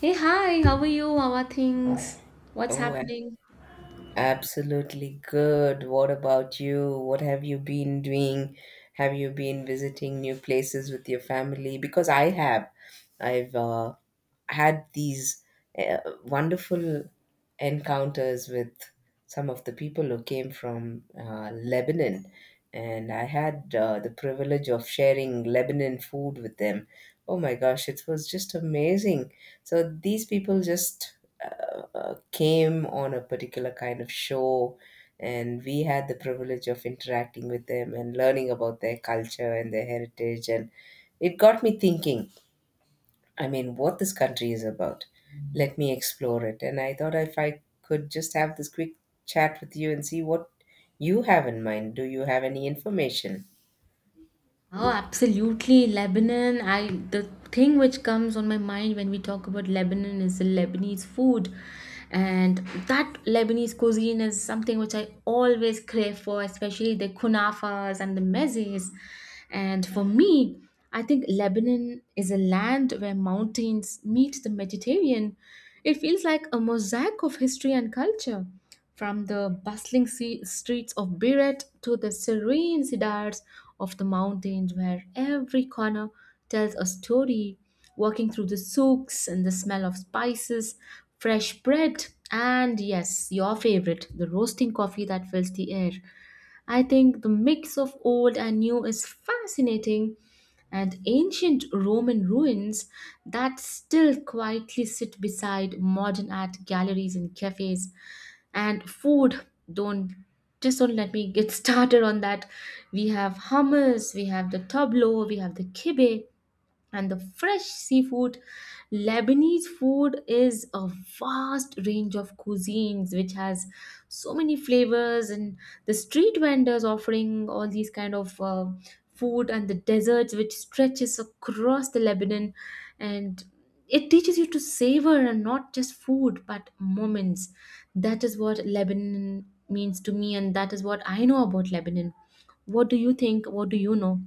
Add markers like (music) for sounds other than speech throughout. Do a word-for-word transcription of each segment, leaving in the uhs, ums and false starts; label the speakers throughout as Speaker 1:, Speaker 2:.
Speaker 1: Hey, hi, how are you? How are things? What's
Speaker 2: Oh, a-
Speaker 1: happening?
Speaker 2: absolutely good. What about you? What have you been doing? Have you been visiting new places with your family? Because I have. I've uh, had these uh, wonderful encounters with some of the people who came from uh, Lebanon, and I had uh, the privilege of sharing Lebanon food with them. Oh my gosh, it was just amazing. So these people just uh, uh, came on a particular kind of show, and we had the privilege of interacting with them and learning about their culture and their heritage. And it got me thinking, I mean, what this country is about. Let me explore it. And I thought if I could just have this quick chat with you and see what you have in mind. Do you have any information?
Speaker 1: Oh, absolutely. Lebanon. I the thing which comes on my mind when we talk about Lebanon is the Lebanese food. And that Lebanese cuisine is something which I always crave for, especially the kunafas and the mezes. And for me, I think Lebanon is a land where mountains meet the Mediterranean. It feels like a mosaic of history and culture. From the bustling sea- streets of Biret to the serene cedars of the mountains, where every corner tells a story, walking through the souks and the smell of spices, fresh bread, and yes, your favorite, the roasting coffee that fills the air. I think the mix of old and new is fascinating, and ancient Roman ruins that still quietly sit beside modern art galleries and cafes. And food, don't just don't let me get (laughs) started on that. We have hummus, we have the tableau, we have the kibbeh and the fresh seafood. Lebanese food is a vast range of cuisines which has so many flavors, and the street vendors offering all these kind of uh, food and the deserts which stretches across the Lebanon, and it teaches you to savor and not just food but moments. That is what Lebanon means to me, and that is what I know about Lebanon. What do you think? What do you know?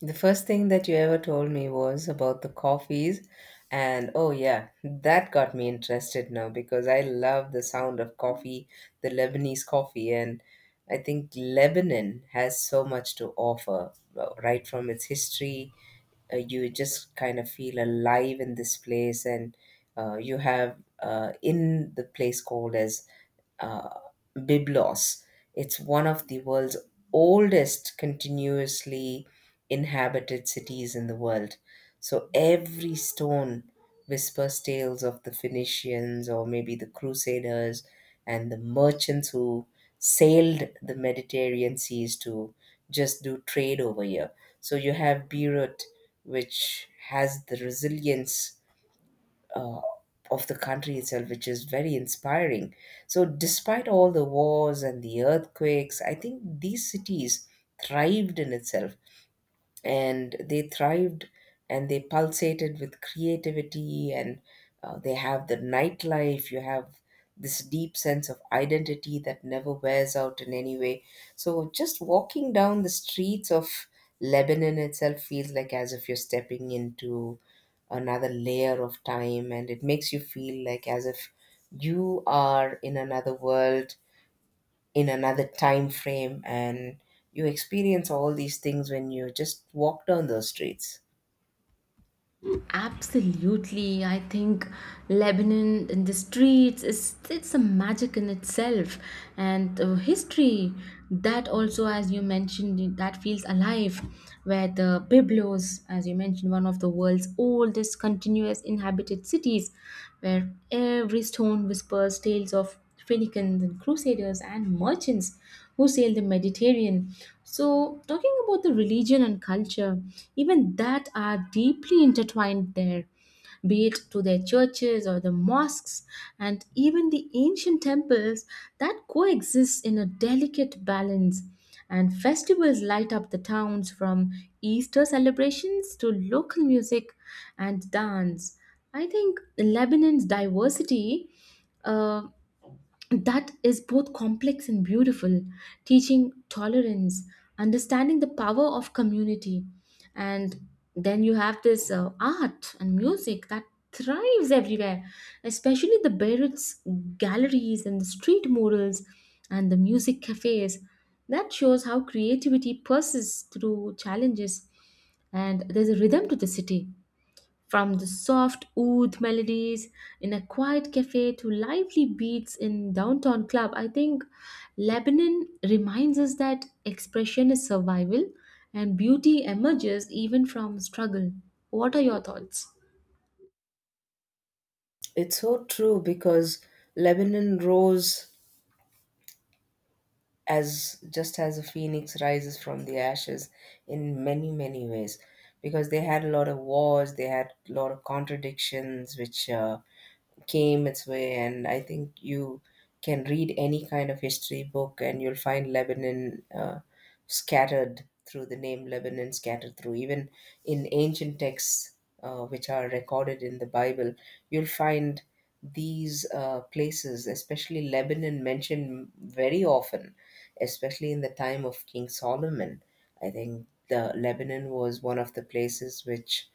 Speaker 2: The first thing that you ever told me was about the coffees, and oh, yeah, that got me interested now because I love the sound of coffee, the Lebanese coffee, and I think Lebanon has so much to offer, uh, right from its history. Uh, you just kind of feel alive in this place, and uh, you have uh, in the place called as uh, Byblos. It's one of the world's oldest continuously inhabited cities in the world. So every stone whispers tales of the Phoenicians or maybe the Crusaders and the merchants who sailed the Mediterranean seas to just do trade over here. So you have Beirut, which has the resilience uh, of the country itself, which is very inspiring. So, despite all the wars and the earthquakes, I think these cities thrived in itself, and they thrived, and they pulsated with creativity, and uh, they have the nightlife. You have this deep sense of identity that never wears out in any way. So just walking down the streets of Lebanon itself feels like as if you're stepping into another layer of time, and it makes you feel like as if you are in another world, in another time frame, and you experience all these things when you just walk down those streets.
Speaker 1: Absolutely. I think Lebanon in the streets is it's a magic in itself, and uh, history that also, as you mentioned, that feels alive, where the Byblos, as you mentioned, one of the world's oldest continuous inhabited cities, where every stone whispers tales of Phoenicians and Crusaders and merchants who sailed the Mediterranean. So, talking about the religion and culture, even that are deeply intertwined there, be it to their churches or the mosques and even the ancient temples that coexist in a delicate balance. And festivals light up the towns, from Easter celebrations to local music and dance. I think Lebanon's diversity. Uh, that is both complex and beautiful, teaching tolerance, understanding the power of community. And then you have this uh, art and music that thrives everywhere, especially the Beirut's galleries and the street murals and the music cafes. That shows how creativity persists through challenges, and there's a rhythm to the city. From the soft oud melodies in a quiet cafe to lively beats in downtown club, I think Lebanon reminds us that expression is survival and beauty emerges even from struggle. What are your thoughts?
Speaker 2: It's so true, because Lebanon rose as just as a phoenix rises from the ashes in many many ways, because they had a lot of wars, they had a lot of contradictions which uh, came its way. And I think you can read any kind of history book and you'll find Lebanon uh, scattered through, the name Lebanon scattered through even in ancient texts uh, which are recorded in the Bible. You'll find these uh, places, especially Lebanon, mentioned very often, especially in the time of King Solomon. I think the Lebanon was one of the places which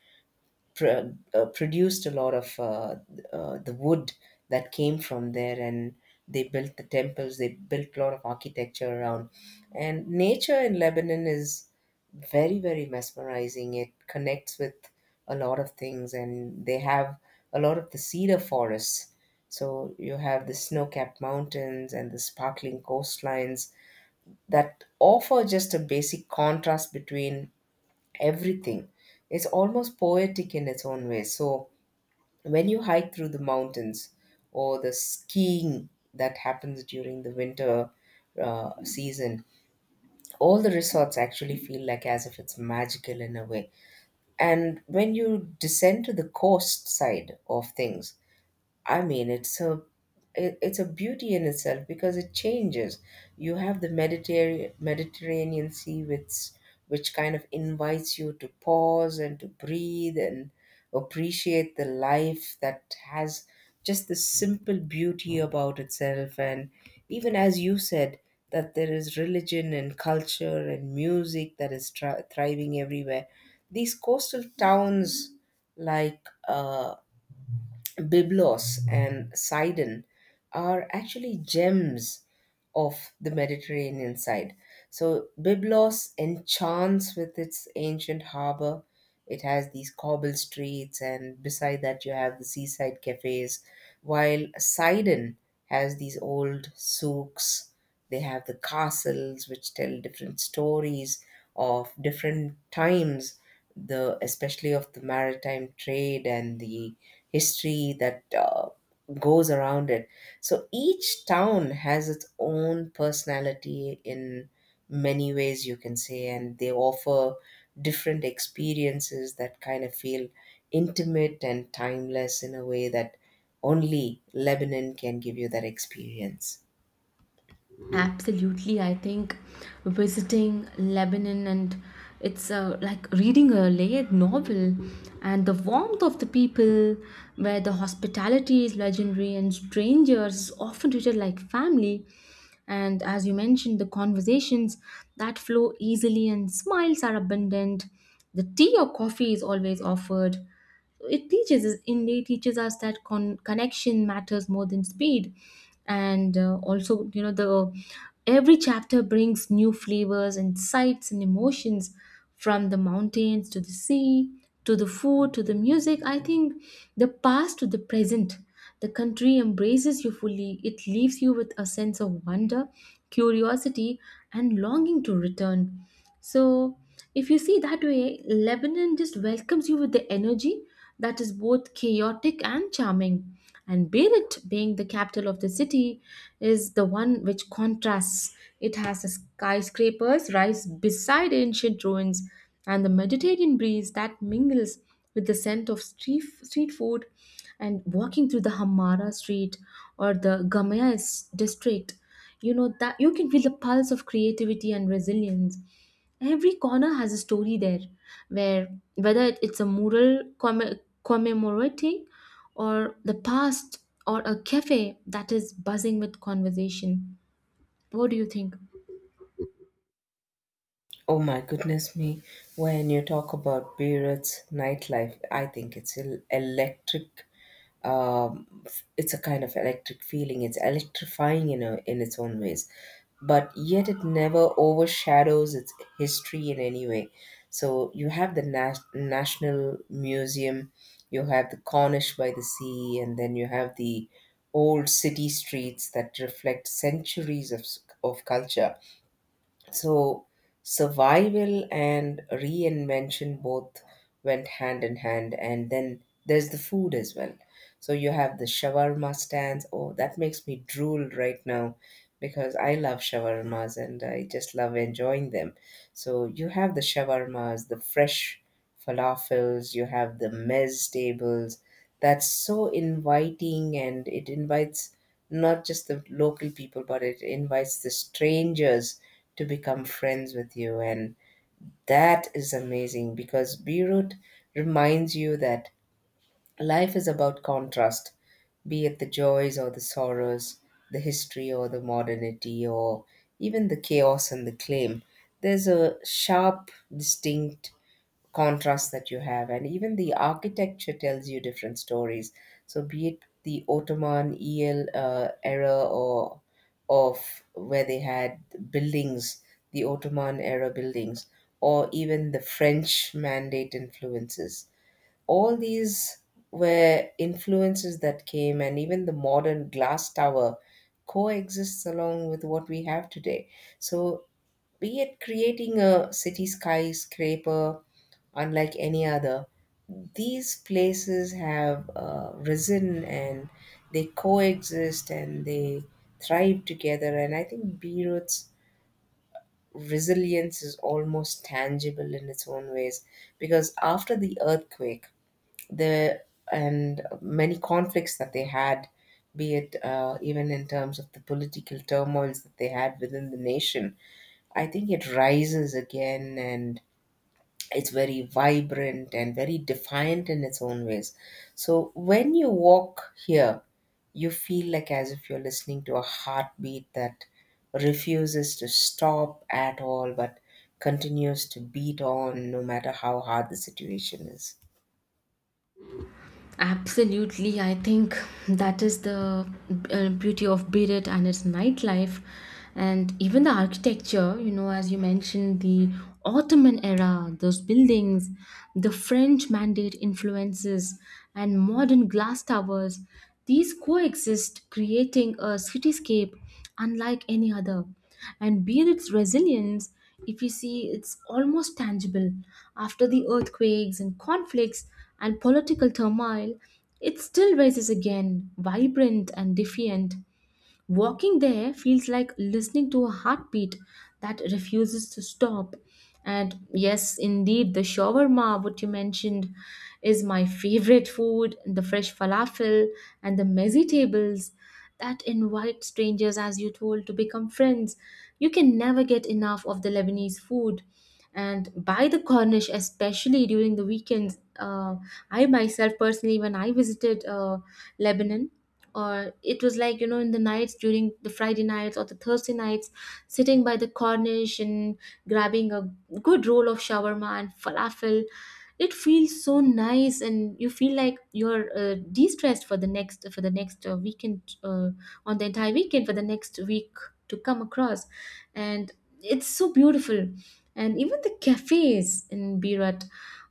Speaker 2: pro- uh, produced a lot of uh, uh, the wood that came from there, and they built the temples, they built a lot of architecture around. And nature in Lebanon is very very mesmerizing. It connects with a lot of things, and they have a lot of the cedar forests. So you have the snow-capped mountains and the sparkling coastlines that offer just a basic contrast between everything. Is almost poetic in its own way. So when you hike through the mountains or the skiing that happens during the winter uh, season, all the resorts actually feel like as if it's magical in a way. And when you descend to the coast side of things, I mean, it's a it, it's a beauty in itself because it changes. You have the Mediterranean Mediterranean Sea, which which kind of invites you to pause and to breathe and appreciate the life that has just the simple beauty about itself. And even as you said, that there is religion and culture and music that is tri- thriving everywhere. These coastal towns like. Uh, Byblos and Sidon are actually gems of the Mediterranean side. So Byblos enchants with its ancient harbor, it has these cobble streets, and beside that, you have the seaside cafes. While Sidon has these old souks, they have the castles which tell different stories of different times, the especially of the maritime trade and the history that uh, goes around it. So each town has its own personality in many ways you can say, and they offer different experiences that kind of feel intimate and timeless in a way that only Lebanon can give you that experience.
Speaker 1: Absolutely, I think visiting Lebanon and it's uh, like reading a layered novel, and the warmth of the people, where the hospitality is legendary and strangers often treated like family. And as you mentioned, the conversations that flow easily and smiles are abundant. The tea or coffee is always offered, so it teaches us, indeed teaches us, that con- connection matters more than speed. And uh, also, you know, the every chapter brings new flavors and sights and emotions, from the mountains to the sea, to the food, to the music. I think the past to the present, the country embraces you fully, it leaves you with a sense of wonder, curiosity, and longing to return. So, if you see that way, Lebanon just welcomes you with the energy that is both chaotic and charming. And Beirut, being the capital of the city, is the one which contrasts. It has the skyscrapers rise beside ancient ruins, and the Mediterranean breeze that mingles with the scent of street, street food, and walking through the Hamara street or the Gamaya s- district, you know that you can feel the pulse of creativity and resilience. Every corner has a story there, where whether it- it's a mural comm- commemorating or the past, or a cafe that is buzzing with conversation. What do you think?
Speaker 2: Oh my goodness me, when you talk about Beirut's nightlife, I think it's el- electric, um, it's a kind of electric feeling. It's electrifying in a, in its own ways, but yet it never overshadows its history in any way. So you have the Nas- National Museum, you have the Cornish by the sea, and then you have the old city streets that reflect centuries of s- of culture. So survival and reinvention both went hand in hand. And then there's the food as well. So you have the shawarma stands. Oh, that makes me drool right now because I love shawarmas and I just love enjoying them. So you have the shawarmas, the fresh falafels, you have the mez tables. That's so inviting, and it invites not just the local people, but it invites the strangers to become friends with you. And that is amazing, because Beirut reminds you that life is about contrast, be it the joys or the sorrows, the history or the modernity, or even the chaos and the claim. There's a sharp, distinct contrast that you have, and even the architecture tells you different stories. So be it the Ottoman el uh, era, or of where they had buildings, the Ottoman era buildings, or even the French mandate influences, all these were influences that came. And even the modern glass tower coexists along with what we have today. So be it creating a city skyscraper unlike any other. These places have uh, risen, and they coexist, and they thrive together. And I think Beirut's resilience is almost tangible in its own ways, because after the earthquake, the and many conflicts that they had, be it uh, even in terms of the political turmoils that they had within the nation, I think it rises again, and it's very vibrant and very defiant in its own ways. So when you walk here, you feel like as if you're listening to a heartbeat that refuses to stop at all, but continues to beat on no matter how hard the situation is.
Speaker 1: Absolutely, I think that is the uh, beauty of Beirut and its nightlife, and even the architecture. You know, as you mentioned, the Ottoman era, those buildings, the French mandate influences, and modern glass towers. These coexist, creating a cityscape unlike any other. And be its resilience, if you see, it's almost tangible. After the earthquakes and conflicts and political turmoil, it still rises again, vibrant and defiant. Walking there feels like listening to a heartbeat that refuses to stop. And yes, indeed, the shawarma, what you mentioned, is my favorite food. The fresh falafel and the mezzi tables that invite strangers, as you told, to become friends. You can never get enough of the Lebanese food, and by the Cornish, especially during the weekends. Uh, I myself personally, when I visited uh, Lebanon, or it was, like, you know, in the nights during the Friday nights or the Thursday nights, sitting by the Cornish and grabbing a good roll of shawarma and falafel. It feels so nice, and you feel like you're uh, de-stressed for the next for the next uh, weekend, uh, on the entire weekend for the next week to come across, and it's so beautiful. And even the cafes in Birat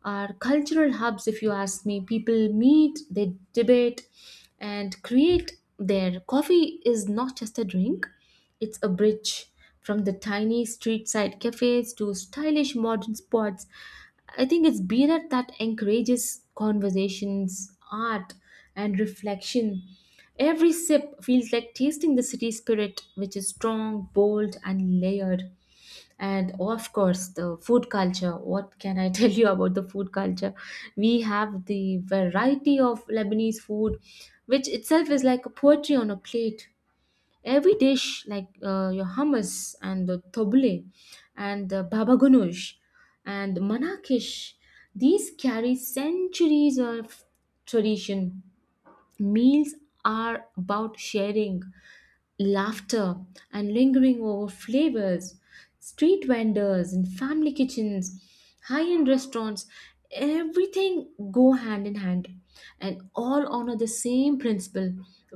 Speaker 1: are cultural hubs, if you ask me. People meet, they debate, and create. Their coffee is not just a drink; it's a bridge, from the tiny street side cafes to stylish modern spots. I think it's beer that encourages conversations, art, and reflection. Every sip feels like tasting the city spirit, which is strong, bold, and layered. And of course, the food culture. What can I (laughs) tell you about the food culture? We have the variety of Lebanese food, which itself is like a poetry on a plate. Every dish, like uh, your hummus and the tabbouleh and the baba ganoush and manakish, these carry centuries of tradition. Meals are about sharing, laughter, and lingering over flavors. Street vendors and family kitchens, high-end restaurants, everything go hand in hand, and all honor the same principle,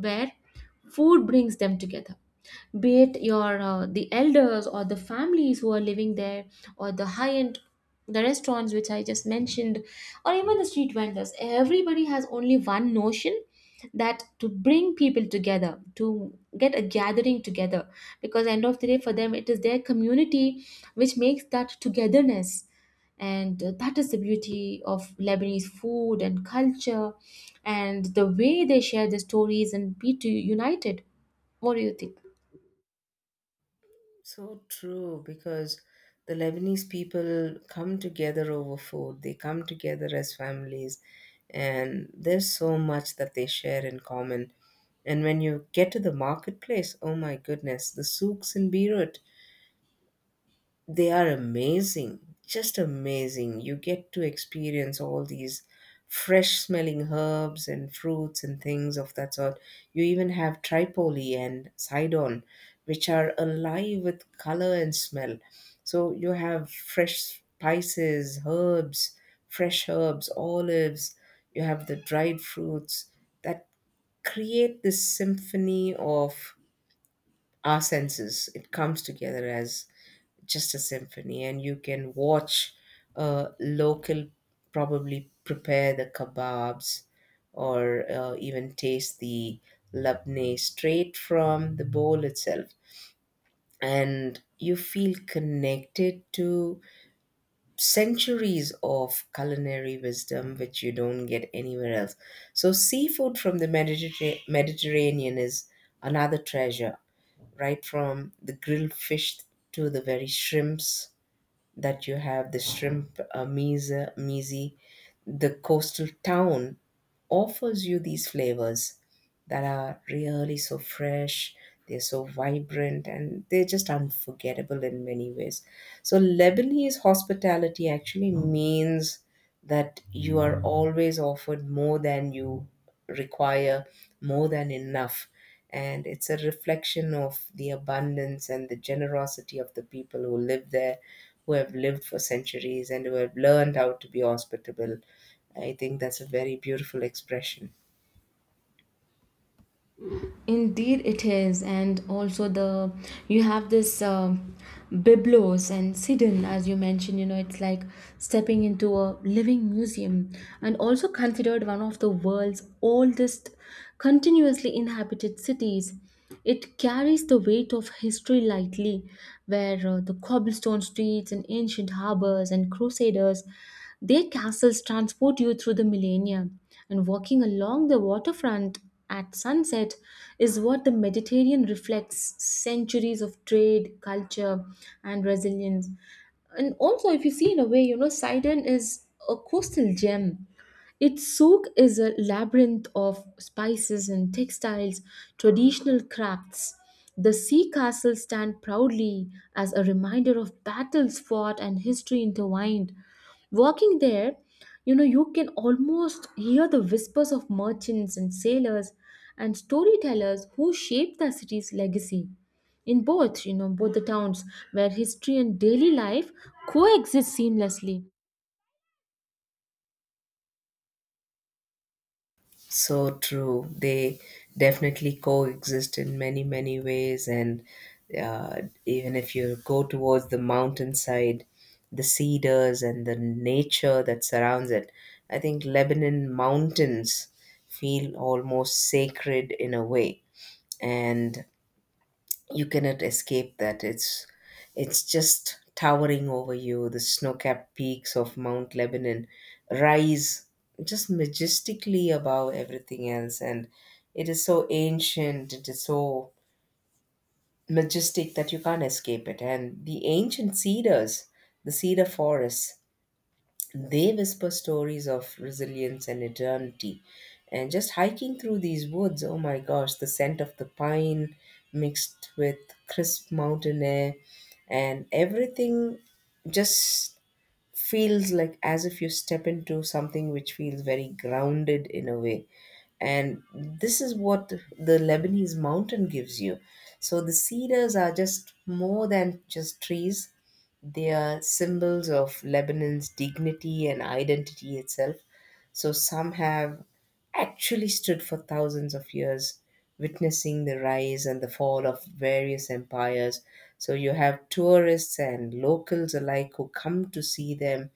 Speaker 1: where food brings them together, be it your uh, the elders or the families who are living there, or the high end, the restaurants which I just mentioned, or even the street vendors. Everybody has only one notion, that to bring people together, to get a gathering together, because end of the day, for them, it is their community which makes that togetherness. And uh, that is the beauty of Lebanese food and culture, and the way they share their stories and be to united. What do you think?
Speaker 2: So true, because the Lebanese people come together over food, they come together as families, and there's so much that they share in common. And when you get to the marketplace, oh my goodness, the souks in Beirut, they are amazing, just amazing. You get to experience all these fresh smelling herbs and fruits and things of that sort. You even have Tripoli and Sidon, which are alive with color and smell. So you have fresh spices, herbs, fresh herbs, olives, you have the dried fruits that create this symphony of our senses. It comes together as just a symphony, and you can watch a local probably prepare the kebabs, or uh, even taste the labneh straight from the bowl itself, and you feel connected to centuries of culinary wisdom which you don't get anywhere else. So seafood from the Mediterra- mediterranean is another treasure, right from the grilled fish to the very shrimps that you have, the shrimp uh, mise, mise, the coastal town offers you these flavors that are really so fresh, they're so vibrant, and they're just unforgettable in many ways. So, Lebanese hospitality actually means that you are always offered more than you require, more than enough. And it's a reflection of the abundance and the generosity of the people who live there, who have lived for centuries, and who have learned how to be hospitable. I think that's a very beautiful expression.
Speaker 1: Indeed, it is, and also the you have this um, Byblos and Sidon, as you mentioned. You know, it's like stepping into a living museum, and also considered one of the world's oldest continuously inhabited cities. It carries the weight of history lightly, where uh, the cobblestone streets and ancient harbors and crusaders, their castles transport you through the millennia. And walking along the waterfront at sunset is what the Mediterranean reflects, centuries of trade, culture, and resilience. And also, if you see in a way, you know, Sidon is a coastal gem, its souk is a labyrinth of spices and textiles, traditional crafts. The sea castles stand proudly as a reminder of battles fought and history intertwined. Walking there, you know, you can almost hear the whispers of merchants and sailors and storytellers who shaped the city's legacy. In both, you know, both the towns where history and daily life coexist seamlessly.
Speaker 2: So true. They definitely coexist in many, many ways. And uh, even if you go towards the mountainside, the cedars and the nature that surrounds it, I think Lebanon mountains feel almost sacred in a way. And you cannot escape that it's it's just towering over you. The snow-capped peaks of Mount Lebanon rise just majestically above everything else, and it is so ancient, it is so majestic that you can't escape it. And the ancient cedars, the cedar forests, they whisper stories of resilience and eternity. And just hiking through these woods, oh my gosh, the scent of the pine mixed with crisp mountain air and everything just feels like as if you step into something which feels very grounded in a way. And this is what the Lebanese mountain gives you. So the cedars are just more than just trees, they are symbols of Lebanon's dignity and identity itself. So some have actually stood for thousands of years, witnessing the rise and the fall of various empires. So you have tourists and locals alike who come to see them,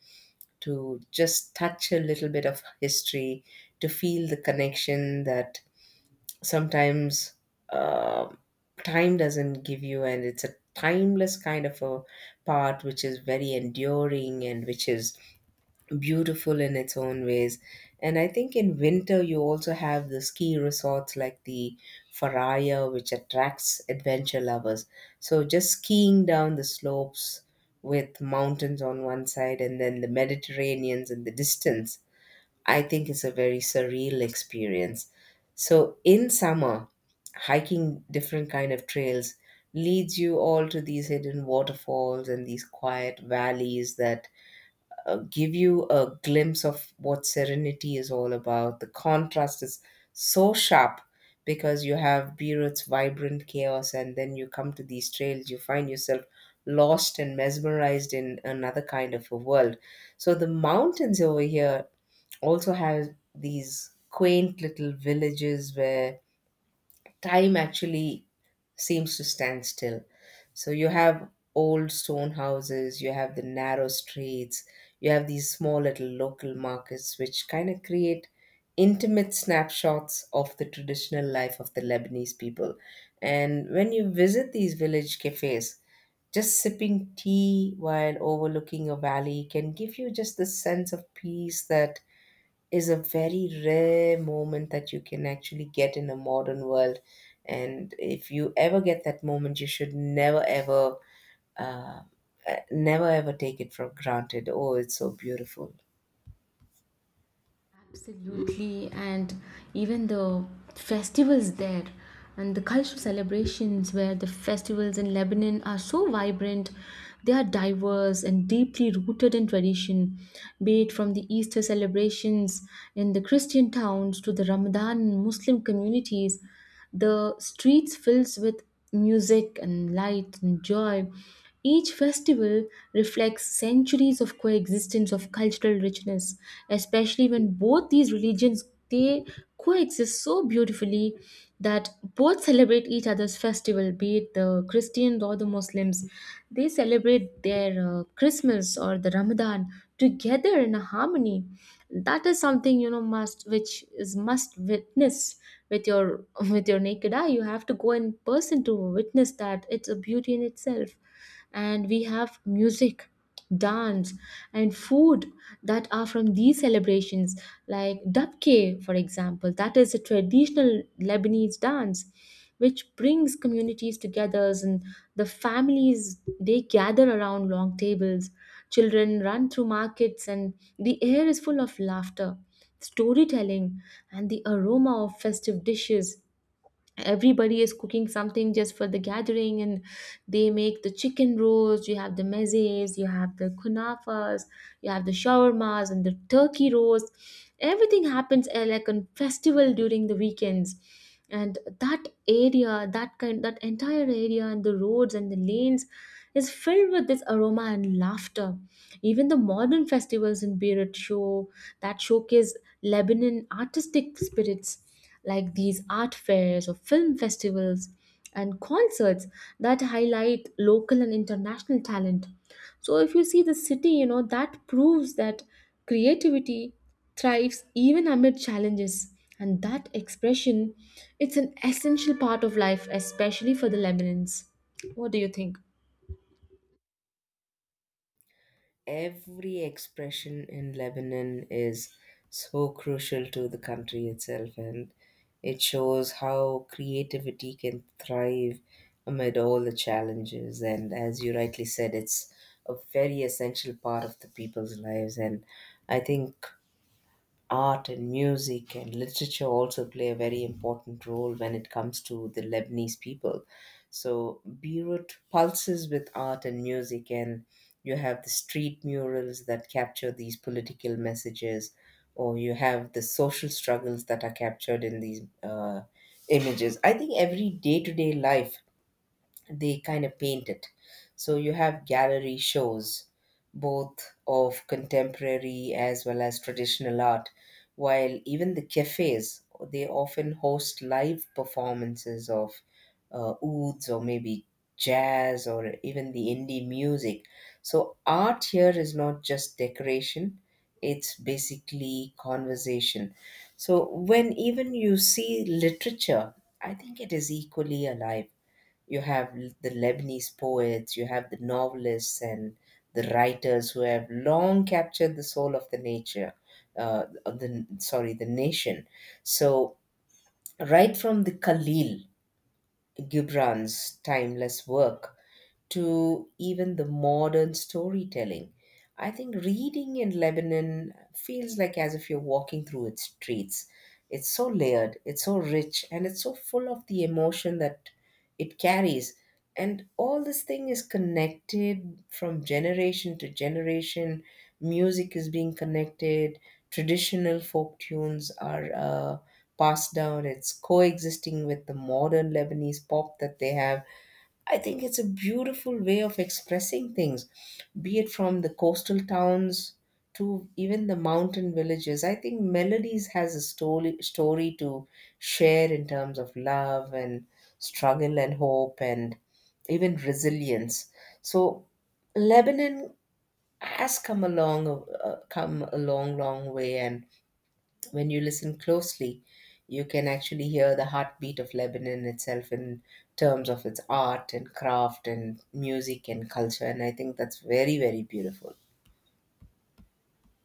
Speaker 2: to just touch a little bit of history, to feel the connection that sometimes um time doesn't give you, and it's a timeless kind of a part which is very enduring and which is beautiful in its own ways. And I think in winter, you also have the ski resorts like the Faraya, which attracts adventure lovers. So just skiing down the slopes with mountains on one side and then the Mediterraneans in the distance, I think it's a very surreal experience. So in summer, hiking different kind of trails leads you all to these hidden waterfalls and these quiet valleys that uh, give you a glimpse of what serenity is all about. The contrast is so sharp because you have Beirut's vibrant chaos, and then you come to these trails, you find yourself lost and mesmerized in another kind of a world. So the mountains over here also have these quaint little villages where time actually seems to stand still. So you have old stone houses, you have the narrow streets, you have these small little local markets which kind of create intimate snapshots of the traditional life of the Lebanese people. And when you visit these village cafes, just sipping tea while overlooking a valley can give you just the sense of peace that is a very rare moment that you can actually get in a modern world. And if you ever get that moment, you should never ever, uh, uh, never ever take it for granted. Oh, it's so beautiful.
Speaker 1: Absolutely, and even the festivals there and the cultural celebrations, where the festivals in Lebanon are so vibrant. They are diverse and deeply rooted in tradition, be it from the Easter celebrations in the Christian towns to the Ramadan in Muslim communities. The streets fills with music and light and joy. Each festival reflects centuries of coexistence of cultural richness, especially when both these religions, they coexist so beautifully that both celebrate each other's festival, be it the Christians or the Muslims. They celebrate their uh, Christmas or the Ramadan together in a harmony that is something, you know, must which is must witness with your (laughs) with your naked eye. You have to go in person to witness that, it's a beauty in itself. And we have music, dance, and food that are from these celebrations, like dabke, for example, that is a traditional Lebanese dance which brings communities together, and the families, they gather around long tables. Children run through markets, and the air is full of laughter, storytelling, and the aroma of festive dishes. Everybody is cooking something just for the gathering, and they make the chicken rolls, you have the mezes, you have the kunafas, you have the shawarmas and the turkey rolls. Everything happens, uh, like, on festival during the weekends, and that area, that kind that entire area and the roads and the lanes is filled with this aroma and laughter. Even the modern festivals in Beirut show, that showcase Lebanon artistic spirits, like these art fairs or film festivals and concerts that highlight local and international talent. So, if you see the city, you know, that proves that creativity thrives even amid challenges. And that expression, it's an essential part of life, especially for the Lebanons. What do you think?
Speaker 2: Every expression in Lebanon is so crucial to the country itself, and it shows how creativity can thrive amid all the challenges. And as you rightly said, it's a very essential part of the people's lives. And I think art and music and literature also play a very important role when it comes to the Lebanese people. So Beirut pulses with art and music, and you have the street murals that capture these political messages, or you have the social struggles that are captured in these uh, images. I think every day to day life, they kind of paint it. So you have gallery shows, both of contemporary as well as traditional art, while even the cafes, they often host live performances of uh, ouds, or maybe jazz, or even the indie music. So art here is not just decoration, it's basically conversation. So when even you see literature, I think it is equally alive. You have l- the Lebanese poets, you have the novelists and the writers who have long captured the soul of the nature, uh, of the sorry, the nation. So right from the Khalil Gibran's timeless work to even the modern storytelling. I think reading in Lebanon feels like as if you're walking through its streets. It's so layered, it's so rich, and it's so full of the emotion that it carries. And all this thing is connected from generation to generation. Music is being connected, traditional folk tunes are uh, passed down, it's coexisting with the modern Lebanese pop that they have. I think it's a beautiful way of expressing things, be it from the coastal towns to even the mountain villages. I think Melodies has a story, story to share in terms of love and struggle and hope and even resilience. So Lebanon has come a long, uh, come a long, long way, and when you listen closely, you can actually hear the heartbeat of Lebanon itself in terms of its art and craft and music and culture. And I think that's very, very beautiful.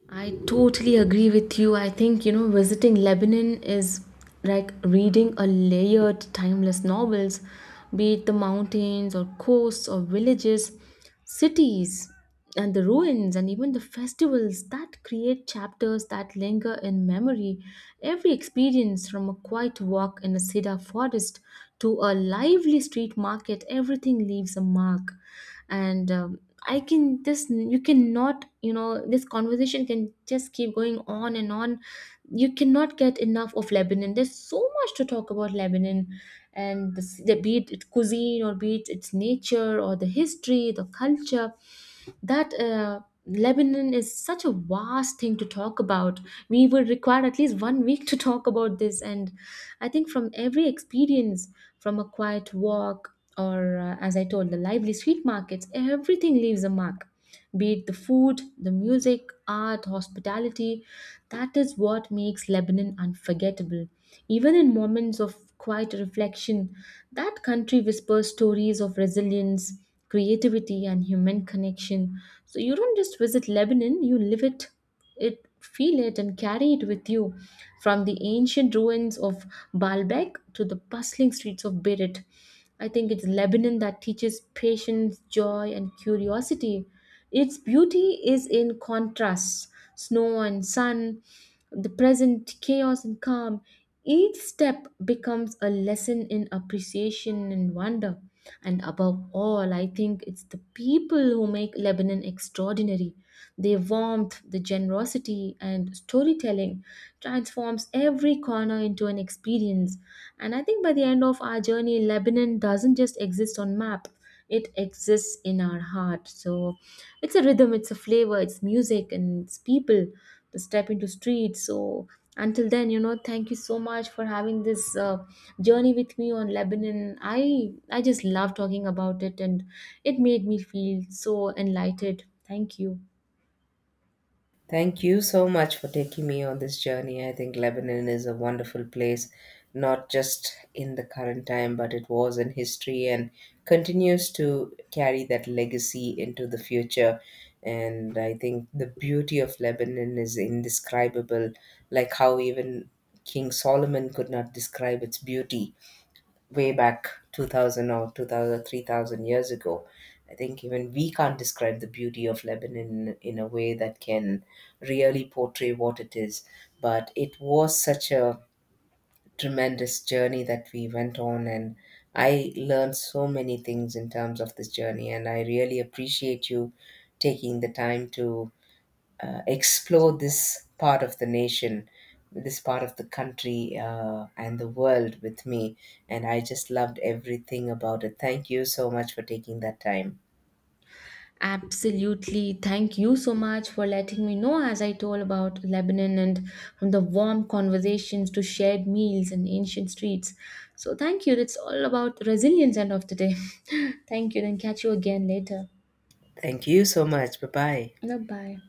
Speaker 1: I totally agree with you. I think, you know, visiting Lebanon is like reading a layered, timeless novels, be it the mountains or coasts or villages, cities and the ruins and even the festivals that create chapters that linger in memory. Every experience, from a quiet walk in a cedar forest to a lively street market, everything leaves a mark. And um, I can just, you cannot, you know, this conversation can just keep going on and on. You cannot get enough of Lebanon. There's so much to talk about Lebanon, and the, the be it its cuisine or be it its nature or the history, the culture. That uh, Lebanon is such a vast thing to talk about. We would require at least one week to (laughs) talk about this, and I think, from every experience, from a quiet walk or, uh, as I told, the lively street markets, everything leaves a mark. Be it the food, the music, art, hospitality, that is what makes Lebanon unforgettable. Even in moments of quiet reflection, that country whispers stories of resilience, creativity, and human connection. So you don't just visit Lebanon, you live it it feel it and carry it with you, from the ancient ruins of Baalbek to the bustling streets of Beirut. I think it's Lebanon that teaches patience, joy, and curiosity. Its beauty is in contrasts, snow and sun, the present chaos and calm. Each step becomes a lesson in appreciation and wonder. And above all, I think it's the people who make Lebanon extraordinary. Their warmth, the generosity, and storytelling transforms every corner into an experience. And I think by the end of our journey, Lebanon doesn't just exist on map, it exists in our heart. So, it's a rhythm, it's a flavor, it's music, and it's people, to step into streets. So, until then, you know, thank you so much for having this uh, journey with me on Lebanon. I i just love talking about it, and it made me feel so enlightened. Thank you.
Speaker 2: Thank you so much for taking me on this journey. I think Lebanon is a wonderful place, not just in the current time, but it was in history and continues to carry that legacy into the future. And I think the beauty of Lebanon is indescribable, like how even King Solomon could not describe its beauty way back two thousand or two thousand three thousand years ago. I think even we can't describe the beauty of Lebanon in a way that can really portray what it is. But it was such a tremendous journey that we went on, and I learned so many things in terms of this journey, and I really appreciate you taking the time to uh, explore this part of the nation, this part of the country, uh, and the world with me. And I just loved everything about it. Thank you so much for taking that time.
Speaker 1: Absolutely. Thank you so much for letting me know, as I told, about Lebanon and from the warm conversations to shared meals and ancient streets. So, thank you. It's all about resilience, end of the day. (laughs) Thank you. Then, catch you again later.
Speaker 2: Thank you so much. Bye bye.
Speaker 1: Bye bye.